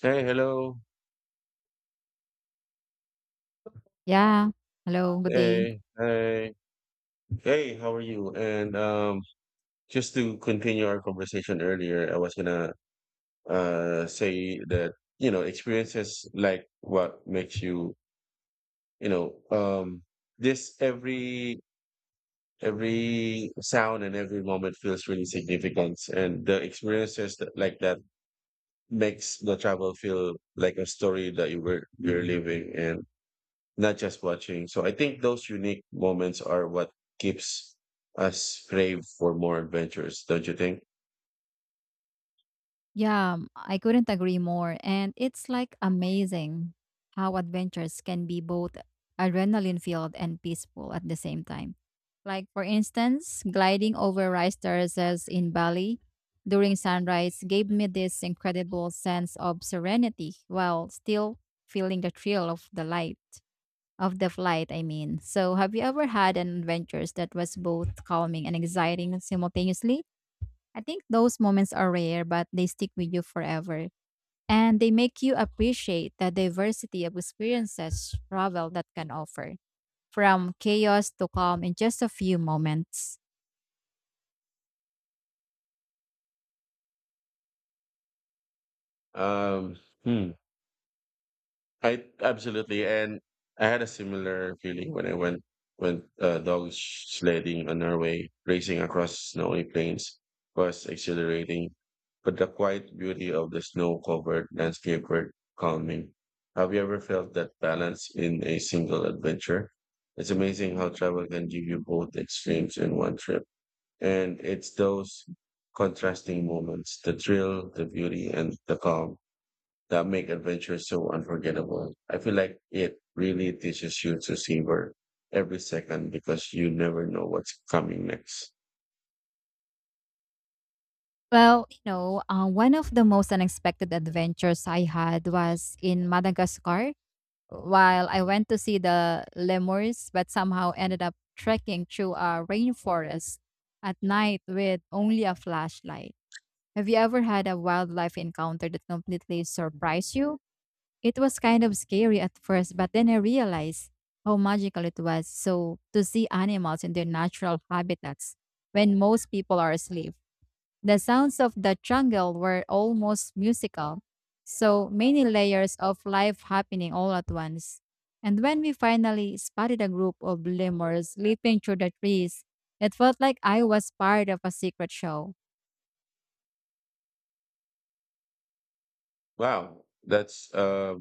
Hey, hello. Yeah. Hello, good day. Hey, hey, hey, how are you? And Just to continue our conversation earlier, I was gonna say that, you know, experiences like what makes you, you know, um this every sound and every moment feels really significant. And the experiences that, like that makes the travel feel like a story that you're living. And. Not just watching. So I think those unique moments are what keeps us crave for more adventures, don't you think? I couldn't agree more. And it's like amazing how adventures can be both adrenaline filled and peaceful at the same time. Like, for instance, gliding over rice terraces in Bali during sunrise gave me this incredible sense of serenity while still feeling the thrill of the light, of the flight, I mean. So, have you ever had an adventure that was both calming and exciting simultaneously? I think those moments are rare, but they stick with you forever. And they make you appreciate the diversity of experiences travel that can offer, from chaos to calm in just a few moments. Um, hmm. I absolutely, and I had a similar feeling when I went dog sledding in Norway. Racing across snowy plains was exhilarating, but the quiet beauty of the snow-covered landscape were calming. Have you ever felt that balance in a single adventure? It's amazing how travel can give you both extremes in one trip, and it's those contrasting moments—the thrill, the beauty, and the calm that make adventure so unforgettable. I feel like it really teaches you to savor every second because you never know what's coming next. Well, one of the most unexpected adventures I had was in Madagascar while I went to see the lemurs, but somehow ended up trekking through a rainforest at night with only a flashlight. Have you ever had a wildlife encounter that completely surprised you? It was kind of scary at first, but then I realized how magical it was. So, to see animals in their natural habitats when most people are asleep, the sounds of the jungle were almost musical. So, many layers of life happening all at once. And when we finally spotted a group of lemurs leaping through the trees, it felt like I was part of a secret show. Wow, that's uh,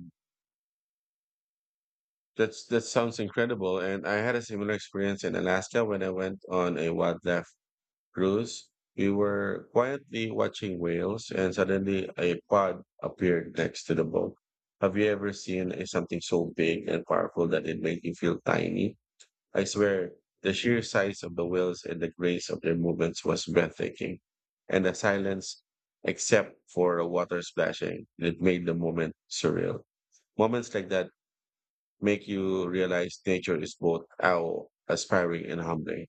that's that sounds incredible. And I had a similar experience in Alaska when I went on a wildlife cruise. We were quietly watching whales, and suddenly a pod appeared next to the boat. Have you ever seen something so big and powerful that it made you feel tiny? I swear, the sheer size of the wheels and the grace of their movements was breathtaking. And the silence, except for the water splashing, it made the moment surreal. Moments like that make you realize nature is both awe, aspiring, and humbling.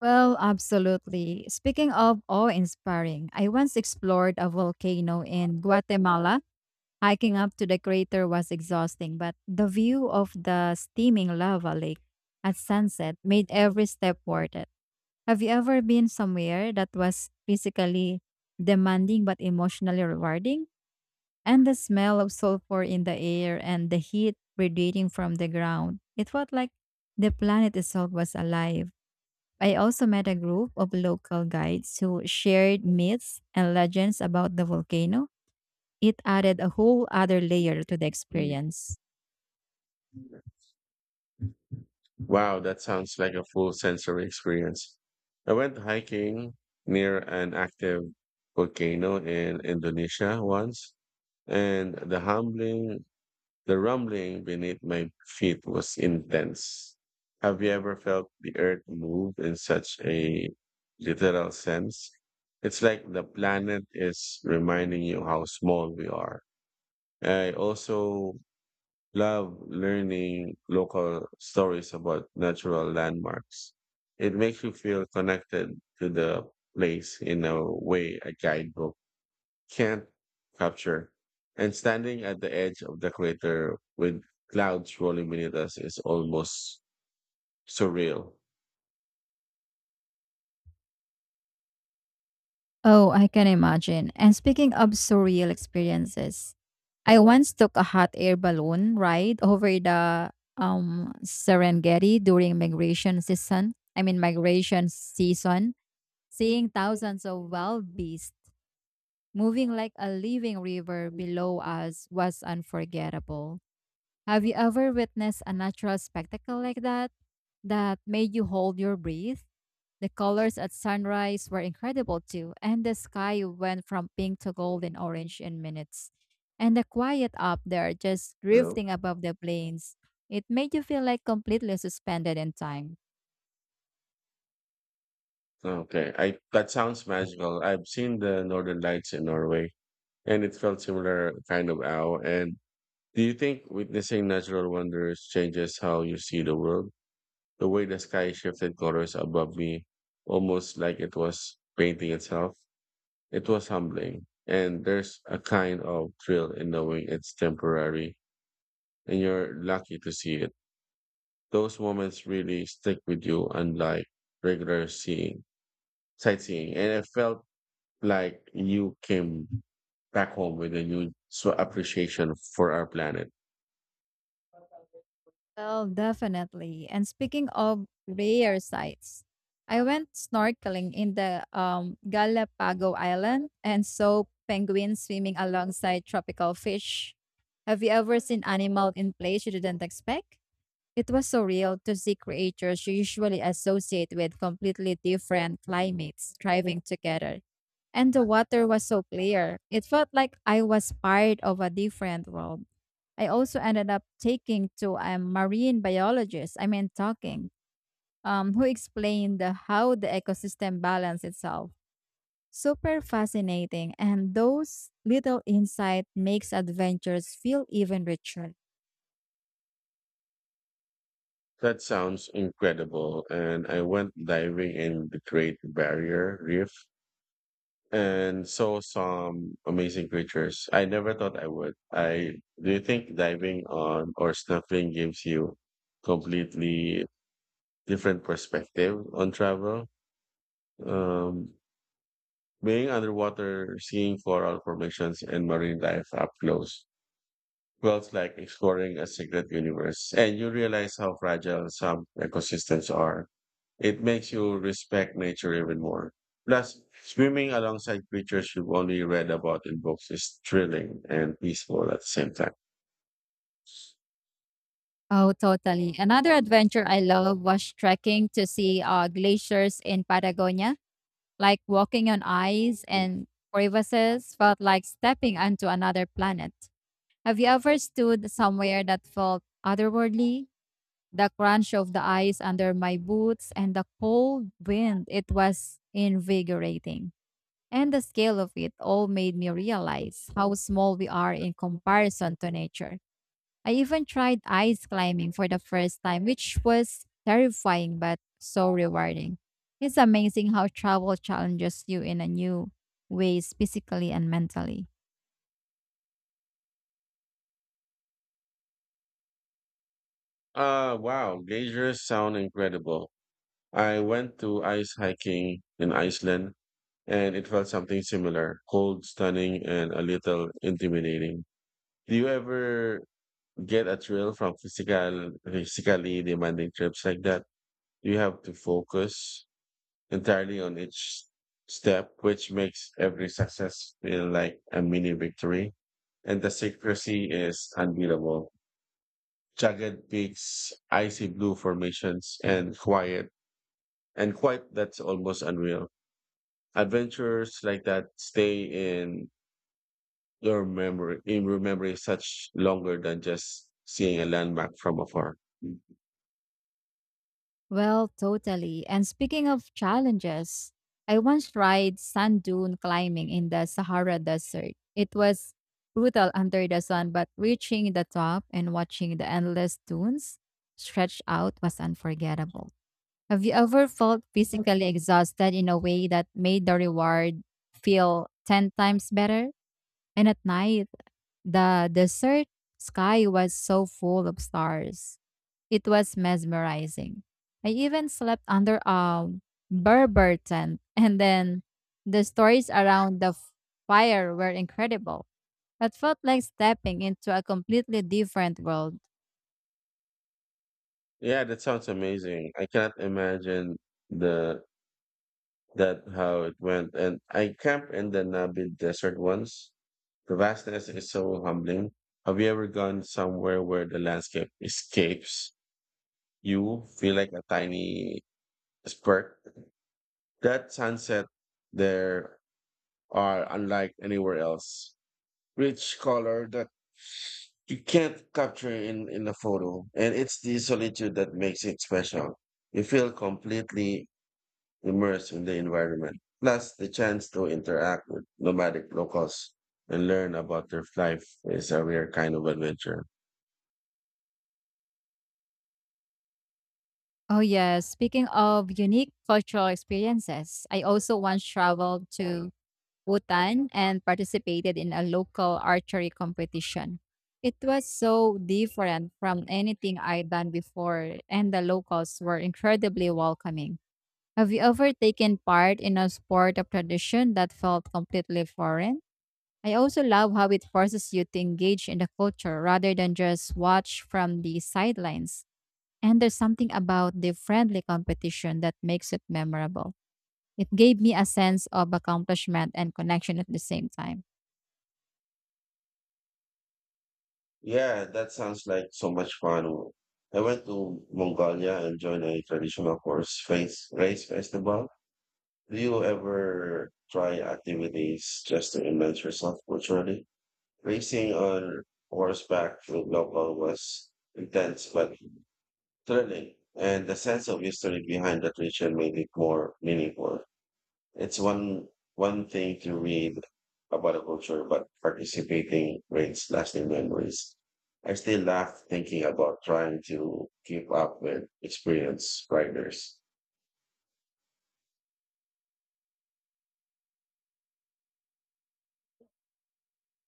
Well, absolutely. Speaking of awe-inspiring, I once explored a volcano in Guatemala. Hiking up to the crater was exhausting, but the view of the steaming lava lake at sunset made every step worth it. Have you ever been somewhere that was physically demanding but emotionally rewarding? And the smell of sulfur in the air and the heat radiating from the ground, it felt like the planet itself was alive. I also met a group of local guides who shared myths and legends about the volcano. It added a whole other layer to the Mm. experience. Wow, that sounds like a full sensory experience. I went hiking near an active volcano in Indonesia once, and the humbling the rumbling beneath my feet was intense. Have you ever felt the earth move in such a literal sense? It's like the planet is reminding you how small we are. I also love learning local stories about natural landmarks. It makes you feel connected to the place in a way a guidebook can't capture. And standing at the edge of the crater with clouds rolling beneath us is almost surreal. Oh, I can imagine. And speaking of surreal experiences, I once took a hot air balloon ride over the Serengeti during migration season. I mean, migration season, seeing thousands of wild beasts moving like a living river below us was unforgettable. Have you ever witnessed a natural spectacle like that that made you hold your breath? The colors at sunrise were incredible too, and the sky went from pink to gold and orange in minutes. And the quiet up there, just You know? drifting above the plains, it made you feel like completely suspended in time. Okay. I that sounds magical. I've seen the northern lights in Norway and it felt similar kind of awe. And do you think witnessing natural wonders changes how you see the world? The way the sky shifted colors above me, almost like it was painting itself. It was humbling, and there's a kind of thrill in knowing it's temporary and you're lucky to see it. Those moments really stick with you, unlike regular seeing, sightseeing. And it felt like you came back home with a new s- appreciation for our planet. Well, definitely. And speaking of rare sights, I went snorkeling in the Galapagos Island and saw penguins swimming alongside tropical fish. Have you ever seen animal in place you didn't expect? It was surreal to see creatures you usually associate with completely different climates thriving together. And the water was so clear. It felt like I was part of a different world. I also ended up taking to a marine biologist, I mean, talking, who explained how the ecosystem balance itself. Super fascinating, and those little insight makes adventures feel even richer. That sounds incredible. And I went diving in the Great Barrier Reef and saw some amazing creatures I never thought I would. I do you think diving on or snorkeling gives you completely different perspective on travel? Um, Being underwater, seeing coral formations and marine life up close felt like exploring a secret universe, and you realize how fragile some ecosystems are. It makes you respect nature even more. Plus, swimming alongside creatures you've only read about in books is thrilling and peaceful at the same time. Oh, totally. Another adventure I love was trekking to see glaciers in Patagonia, like walking on ice and crevices felt like stepping onto another planet. Have you ever stood somewhere that felt otherworldly? The crunch of the ice under my boots, and the cold wind. It was invigorating. And the scale of it all made me realize how small we are in comparison to nature. I even tried ice climbing for the first time, which was terrifying but so rewarding. It's amazing how travel challenges you in a new ways physically and mentally. Wow, geysers sound incredible. I went to ice hiking in Iceland and it felt something similar, cold, stunning, and a little intimidating. Do you ever get a thrill from physically demanding trips like that. You have to focus entirely on each step, which makes every success feel like a mini victory. And the secrecy is unbeatable. Jagged peaks, icy blue formations, and quiet that's almost unreal. Adventures like that stay in your memory such longer than just seeing a landmark from afar. Well, totally. And speaking of challenges, I once tried sand dune climbing in the Sahara Desert. It was brutal under the sun, but reaching the top and watching the endless dunes stretched out was unforgettable. Have you ever felt physically exhausted in a way that made the reward feel 10 times better? And at night, the desert sky was so full of stars it was mesmerizing. I even slept under a Berber tent, and then the stories around the fire were incredible. It felt like stepping into a completely different world. Yeah, that sounds amazing. I can't imagine the that how it went. And I camped in the Namib Desert once. The vastness is so humbling. Have you ever gone somewhere where the landscape escapes you? Feel like a tiny spark. That sunset there are unlike anywhere else. Rich color that you can't capture in a photo, and it's the solitude that makes it special. You feel completely immersed in the environment. Plus, the chance to interact with nomadic locals and learn about their life is a rare kind of adventure. Oh, yes. Speaking of unique cultural experiences, I also once traveled to Bhutan and participated in a local archery competition. It was so different from anything I'd done before, and the locals were incredibly welcoming. Have you ever taken part in a sport of tradition that felt completely foreign? I also love how it forces you to engage in the culture rather than just watch from the sidelines. And there's something about the friendly competition that makes it memorable. It gave me a sense of accomplishment and connection at the same time. Yeah, that sounds like so much fun. I went to Mongolia and joined a traditional horse face race festival. Do you ever try activities just to immerse yourself culturally? Racing on horseback with local was intense but thrilling, and the sense of history behind that region made it more meaningful. It's one thing to read about a culture, but participating creates lasting memories. I still laugh thinking about trying to keep up with experienced riders.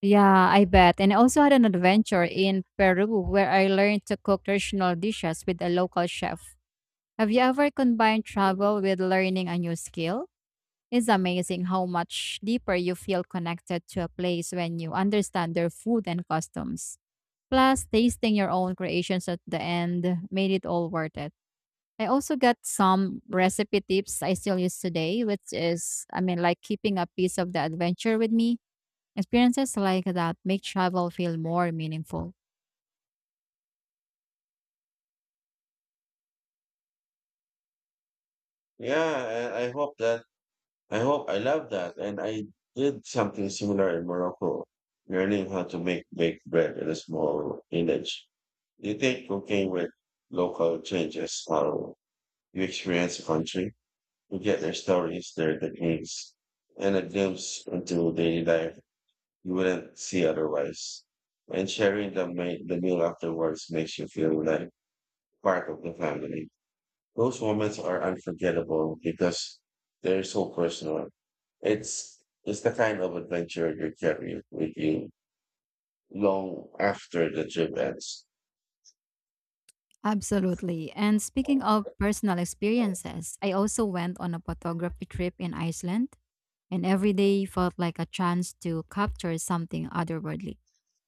Yeah, I bet. And I also had an adventure in Peru where I learned to cook traditional dishes with a local chef. Have you ever combined travel with learning a new skill? It's amazing how much deeper you feel connected to a place when you understand their food and customs. Plus, tasting your own creations at the end made it all worth it. I also got some recipe tips I still use today, which is, I mean, like keeping a piece of the adventure with me. Experiences like that make travel feel more meaningful. Yeah, I love that. And I did something similar in Morocco, learning how to make baked bread in a small village. Do you think cooking with local changes how you experience a country? You get their stories, their techniques, and a glimpse into daily life you wouldn't see otherwise. And sharing the meal afterwards makes you feel like part of the family. Those moments are unforgettable because they're so personal. It's it's the kind of adventure you carry with you long after the trip ends. Absolutely. And speaking of personal experiences, I also went on a photography trip in Iceland, and every day felt like a chance to capture something otherworldly.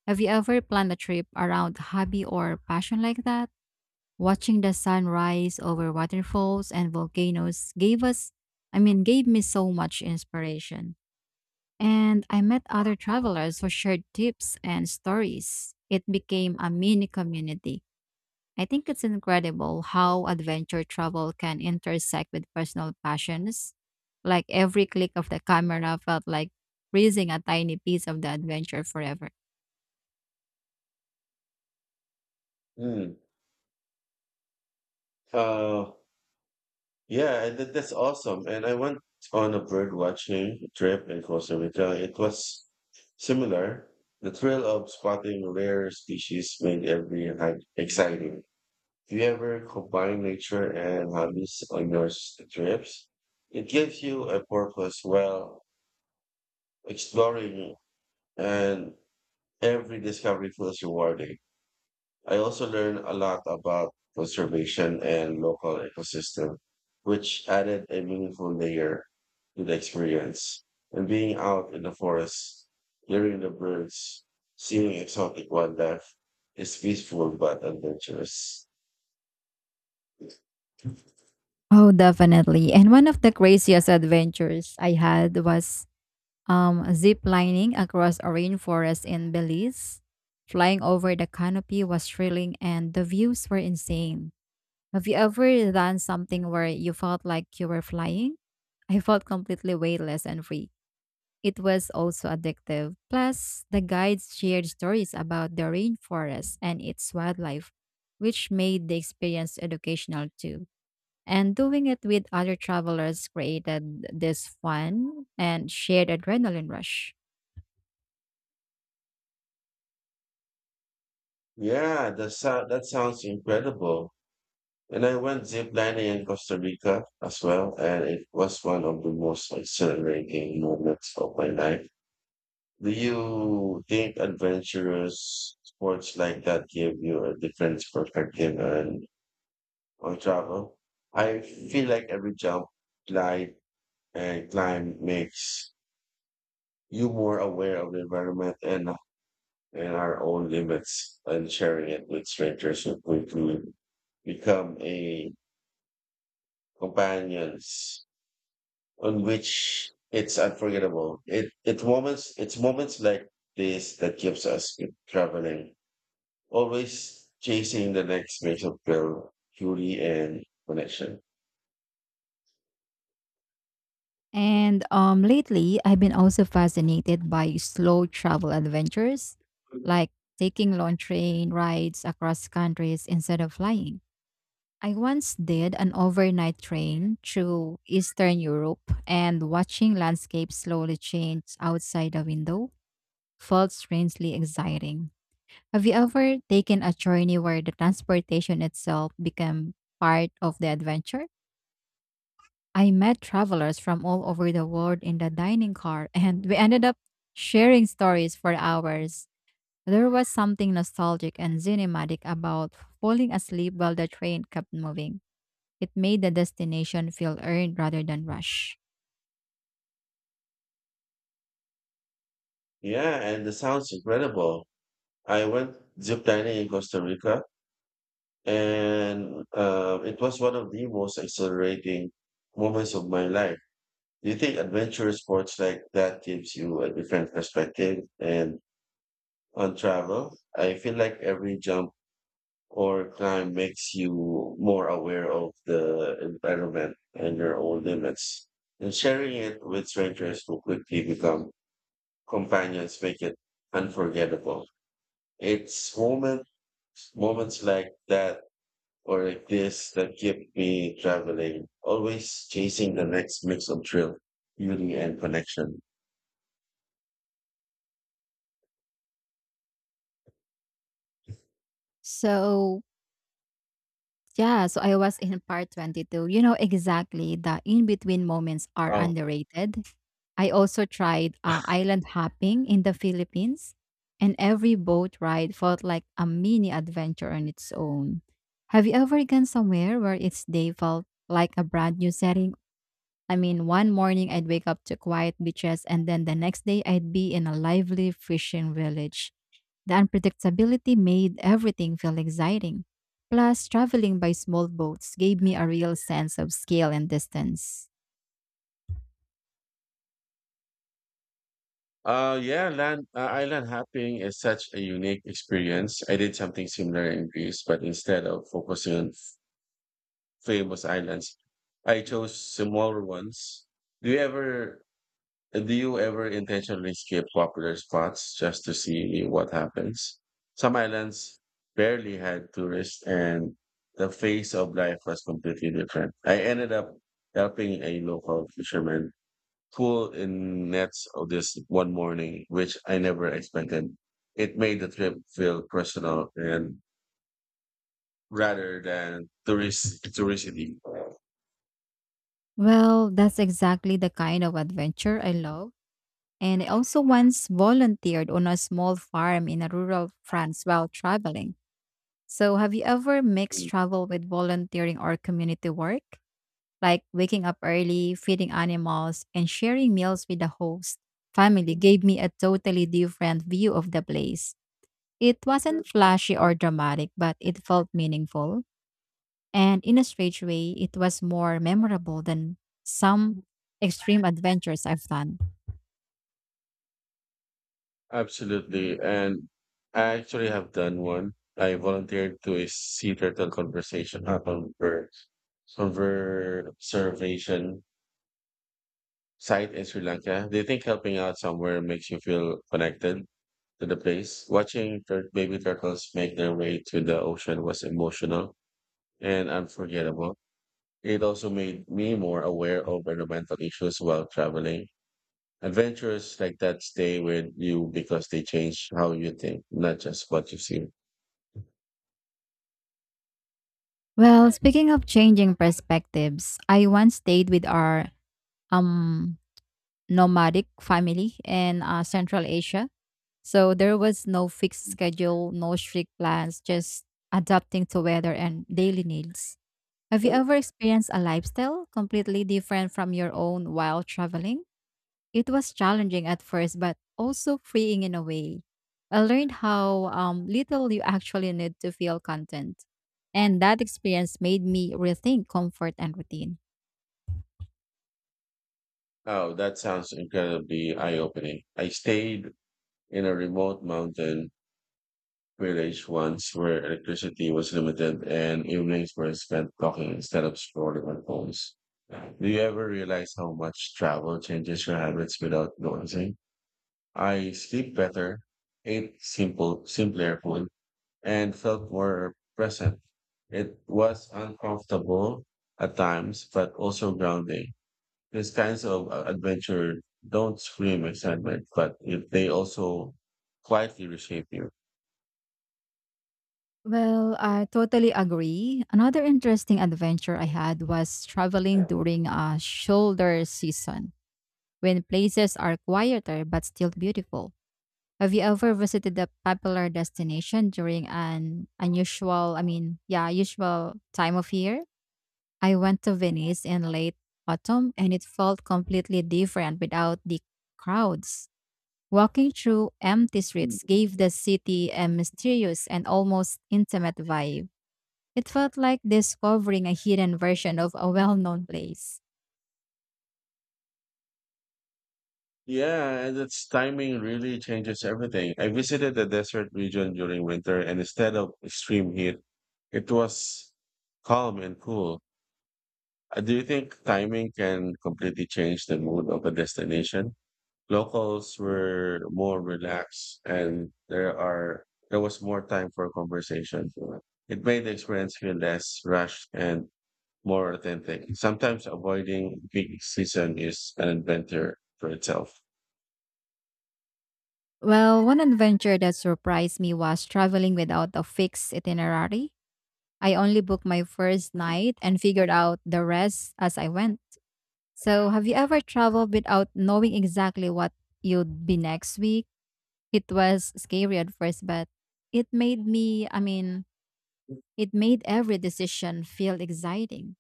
Have you ever planned a trip around hobby or passion like that? Watching the sunrise over waterfalls and volcanoes gave us, I mean, gave me so much inspiration. And I met other travelers who shared tips and stories. It became a mini community. I think it's incredible how adventure travel can intersect with personal passions. Like every click of the camera felt like freezing a tiny piece of the adventure forever. Hmm. Uh, Yeah, and that's awesome. And I went on a bird watching trip in Costa Rica. It was similar. The thrill of spotting rare species made every hike exciting. If you ever combine nature and hobbies on your s- trips, it gives you a purpose while exploring, and every discovery feels rewarding. I also learned a lot about conservation and local ecosystem, which added a meaningful layer to the experience. And being out in the forest, hearing the birds, seeing exotic wildlife is peaceful but adventurous. Oh, definitely. And one of the craziest adventures I had was zip lining across a rainforest in Belize. Flying over the canopy was thrilling and the views were insane. Have you ever done something where you felt like you were flying? I felt completely weightless and free. It was also addictive. Plus, the guides shared stories about the rainforest and its wildlife, which made the experience educational too. And doing it with other travelers created this fun and shared adrenaline rush. Yeah, that sounds incredible. And I went zip lining in Costa Rica as well, and it was one of the most exhilarating moments of my life. Do you think adventurous sports like that give you a different perspective on travel? I feel like every jump, glide, and climb makes you more aware of the environment and our own limits, and sharing it with strangers will quickly become a companions on which it's unforgettable. It's moments like this that gives us keep traveling. Always chasing the next major of thrill, fury, and connection. And lately, I've been also fascinated by slow travel adventures, like taking long train rides across countries instead of flying. I once did an overnight train through Eastern Europe and watching landscapes slowly change outside the window felt strangely exciting. Have you ever taken a journey where the transportation itself became part of the adventure? I met travelers from all over the world in the dining car and we ended up sharing stories for hours. There was something nostalgic and cinematic about falling asleep while the train kept moving. It made the destination feel earned rather than rushed. Yeah, and the sounds incredible. I went zip dining in Costa Rica, and it was one of the most exhilarating moments of my life. Do you think adventurous sports like that gives you a different perspective and on travel? I feel like every jump or climb makes you more aware of the environment and your own limits. And sharing it with strangers who quickly become companions make it unforgettable. It's moment, moments like that or like this that keep me traveling, always chasing the next mix of thrill, beauty, and connection. So, yeah, so I was in part 22. You know exactly the in between moments are Oh, underrated. I also tried island hopping in the Philippines, and every boat ride felt like a mini adventure on its own. Have you ever gone somewhere where each day felt like a brand new setting? I mean, one morning I'd wake up to quiet beaches, and then the next day I'd be in a lively fishing village. The unpredictability made everything feel exciting. Plus, traveling by small boats gave me a real sense of scale and distance. Yeah, land island hopping is such a unique experience. I did something similar in Greece, but instead of focusing on famous islands. I chose smaller ones. Do you ever do you ever intentionally skip popular spots just to see what happens? Some islands barely had tourists and the face of life was completely different. I ended up helping a local fisherman pull in nets of this one morning, which I never expected. It made the trip feel personal and rather than tourist touristy. Well, that's exactly the kind of adventure I love. And I also once volunteered on a small farm in a rural France while traveling. So, have you ever mixed travel with volunteering or community work? Like waking up early, feeding animals, and sharing meals with the host family gave me a totally different view of the place. It wasn't flashy or dramatic, but it felt meaningful. And in a strange way, it was more memorable than some extreme adventures I've done. Absolutely. And I actually have done one. I volunteered to a sea turtle conversation conservation site in Sri Lanka. Do you think helping out somewhere makes you feel connected to the place? Watching tur- baby turtles make their way to the ocean was emotional and unforgettable. It also made me more aware of environmental issues while traveling. Adventures like that stay with you because they change how you think, not just what you see. Well, speaking of changing perspectives, I once stayed with our um nomadic family in Central Asia. So there was no fixed schedule, no strict plans, just adapting to weather and daily needs. Have you ever experienced a lifestyle completely different from your own while traveling? It was challenging at first, but also freeing in a way. I learned how little you actually need to feel content. And that experience made me rethink comfort and routine. Oh, that sounds incredibly eye opening. I stayed in a remote mountain village once where electricity was limited and evenings were spent talking instead of scrolling on phones. Do you ever realize how much travel changes your habits without noticing? I sleep better, ate simpler food, and felt more present. It was uncomfortable at times, but also grounding. These kinds of adventure don't scream excitement, but if they also quietly reshape you. Well, I totally agree. Another interesting adventure I had was traveling during a shoulder season when places are quieter but still beautiful. Have you ever visited a popular destination during an yeah, usual time of year? I went to Venice in late autumn and it felt completely different without the crowds. Walking through empty streets gave the city a mysterious and almost intimate vibe. It felt like discovering a hidden version of a well known place. Yeah, and its timing really changes everything. I visited the desert region during winter, and instead of extreme heat, it was calm and cool. Do you think timing can completely change the mood of a destination? Locals were more relaxed, and there was more time for conversation. It made the experience feel less rushed and more authentic. Sometimes avoiding peak season is an adventure for itself. Well, one adventure that surprised me was traveling without a fixed itinerary. I only booked my first night and figured out the rest as I went. So, have you ever traveled without knowing exactly what you'd be next week? It was scary at first, but it made me, I mean, it made every decision feel exciting.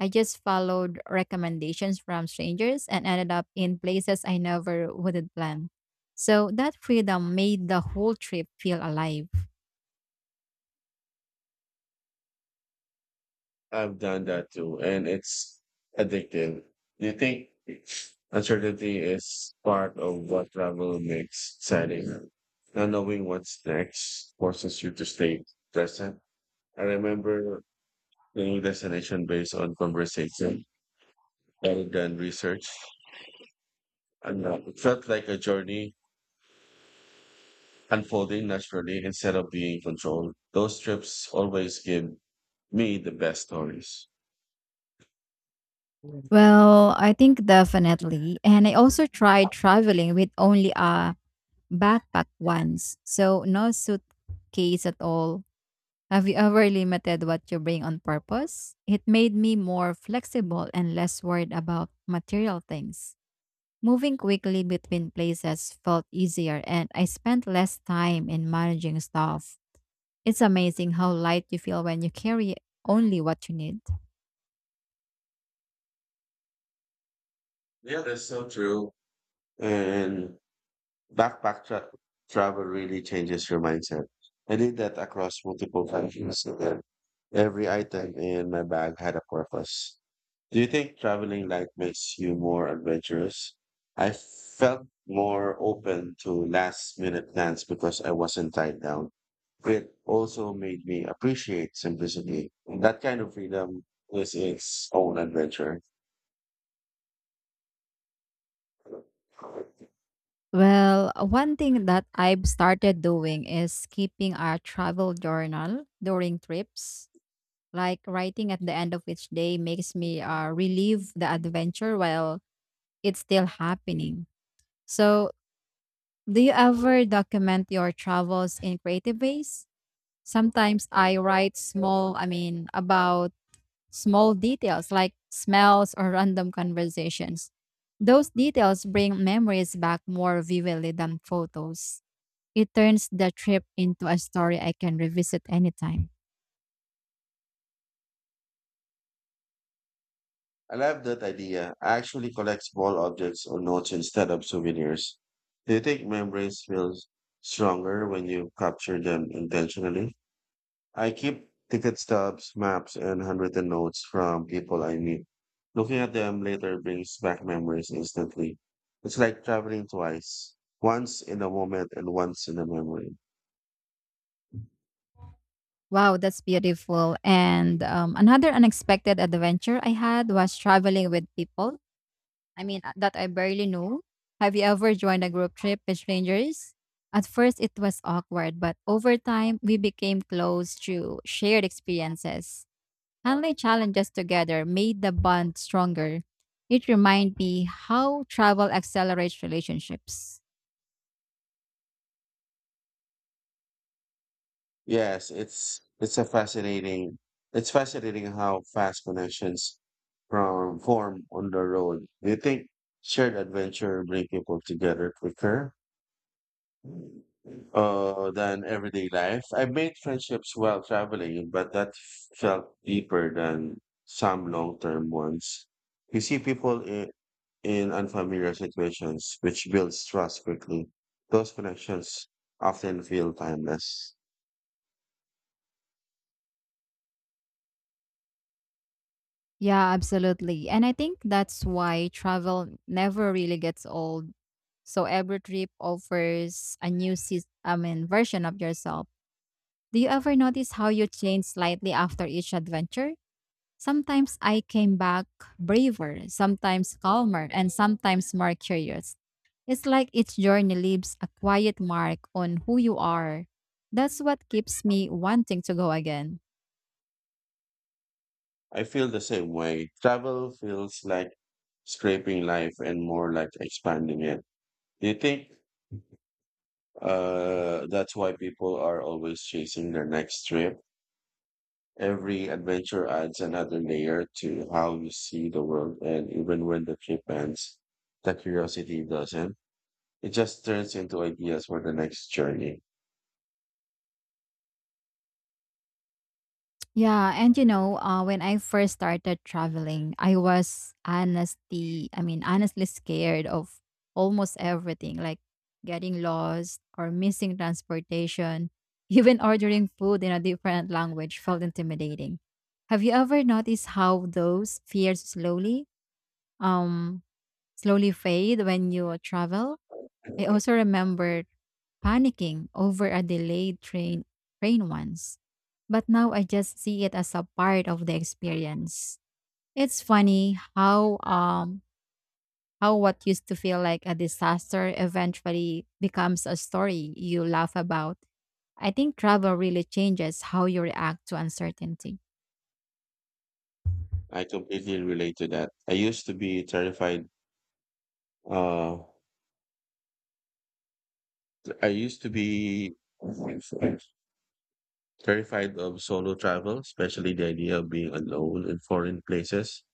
I just followed recommendations from strangers and ended up in places I never would have planned. So, that freedom made the whole trip feel alive. I've done that too, and it's addictive. Do you think uncertainty is part of what travel makes exciting? Not knowing what's next forces you to stay present. I remember planning destination based on conversation rather than research. And it felt like a journey unfolding naturally instead of being controlled. Those trips always give me the best stories. Well, I think definitely. And I also tried traveling with only a backpack once, so no suitcase at all. Have you ever limited what you bring on purpose? It made me more flexible and less worried about material things. Moving quickly between places felt easier and I spent less time in managing stuff. It's amazing how light you feel when you carry only what you need. Yeah, that's so true. And backpack tra- travel really changes your mindset. I did that across multiple countries, and then every item in my bag had a purpose. Do you think traveling light makes you more adventurous? I felt more open to last minute plans because I wasn't tied down. It also made me appreciate simplicity. That kind of freedom is its own adventure. Well, one thing that I've started doing is keeping a travel journal during trips. Like writing at the end of each day makes me relive the adventure while it's still happening. So, do you ever document your travels in creative ways? Sometimes I write about small details like smells or random conversations. Those details bring memories back more vividly than photos. It turns the trip into a story I can revisit anytime. I love that idea. I actually collect small objects or notes instead of souvenirs. Do you think memories feel stronger when you capture them intentionally? I keep ticket stubs, maps, and handwritten notes from people I meet. Looking at them later brings back memories instantly. It's like traveling twice, once in a moment and once in a memory. Wow, that's beautiful. And another unexpected adventure I had was traveling with people. That I barely knew. Have you ever joined a group trip with strangers? At first, it was awkward, but over time, we became close through shared experiences. Handling challenges together made the bond stronger. It reminded me how travel accelerates relationships. Yes, it's a fascinating it's fascinating how fast connections from form on the road. Do you think shared adventure bring people together quicker than everyday life? I've made friendships while traveling, but that felt deeper than some long-term ones. You see people in unfamiliar situations, which builds trust quickly. Those connections often feel timeless. Yeah, absolutely. And I think that's why travel never really gets old. So every trip offers a new version of yourself. Do you ever notice how you change slightly after each adventure? Sometimes I came back braver, sometimes calmer, and sometimes more curious. It's like each journey leaves a quiet mark on who you are. That's what keeps me wanting to go again. I feel the same way. Travel feels like scraping life and more like expanding it. Do you think that's why people are always chasing their next trip? Every adventure adds another layer to how you see the world, and even when the trip ends, the curiosity doesn't. It just turns into ideas for the next journey. When I first started traveling, I was honestly scared of almost everything, like getting lost or missing transportation. Even ordering food in a different language felt intimidating. Have you ever noticed how those fears um, slowly fade when you travel? I also remember panicking over a delayed train once. But now I just see it as a part of the experience. It's funny how what used to feel like a disaster eventually becomes a story you laugh about. I think travel really changes how you react to uncertainty. I completely relate to that. I used to be terrified. Uh, I used to be terrified of solo travel, especially the idea of being alone in foreign places.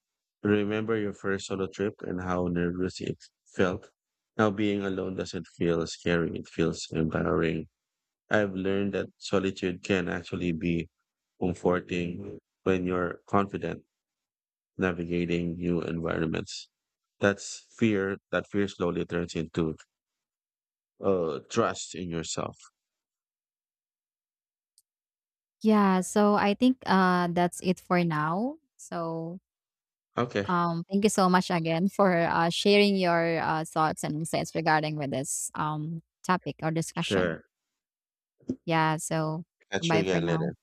Remember your first solo trip and how nervous it felt? Now being alone doesn't feel scary, it feels empowering. I've learned that solitude can actually be comforting when you're confident navigating new environments. That fear slowly turns into trust in yourself. Yeah, so I think that's it for now. Okay, Thank you so much again for sharing your thoughts and insights regarding with this topic or discussion. sure. Yeah, so Catch you bye for again now. later.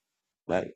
Bye.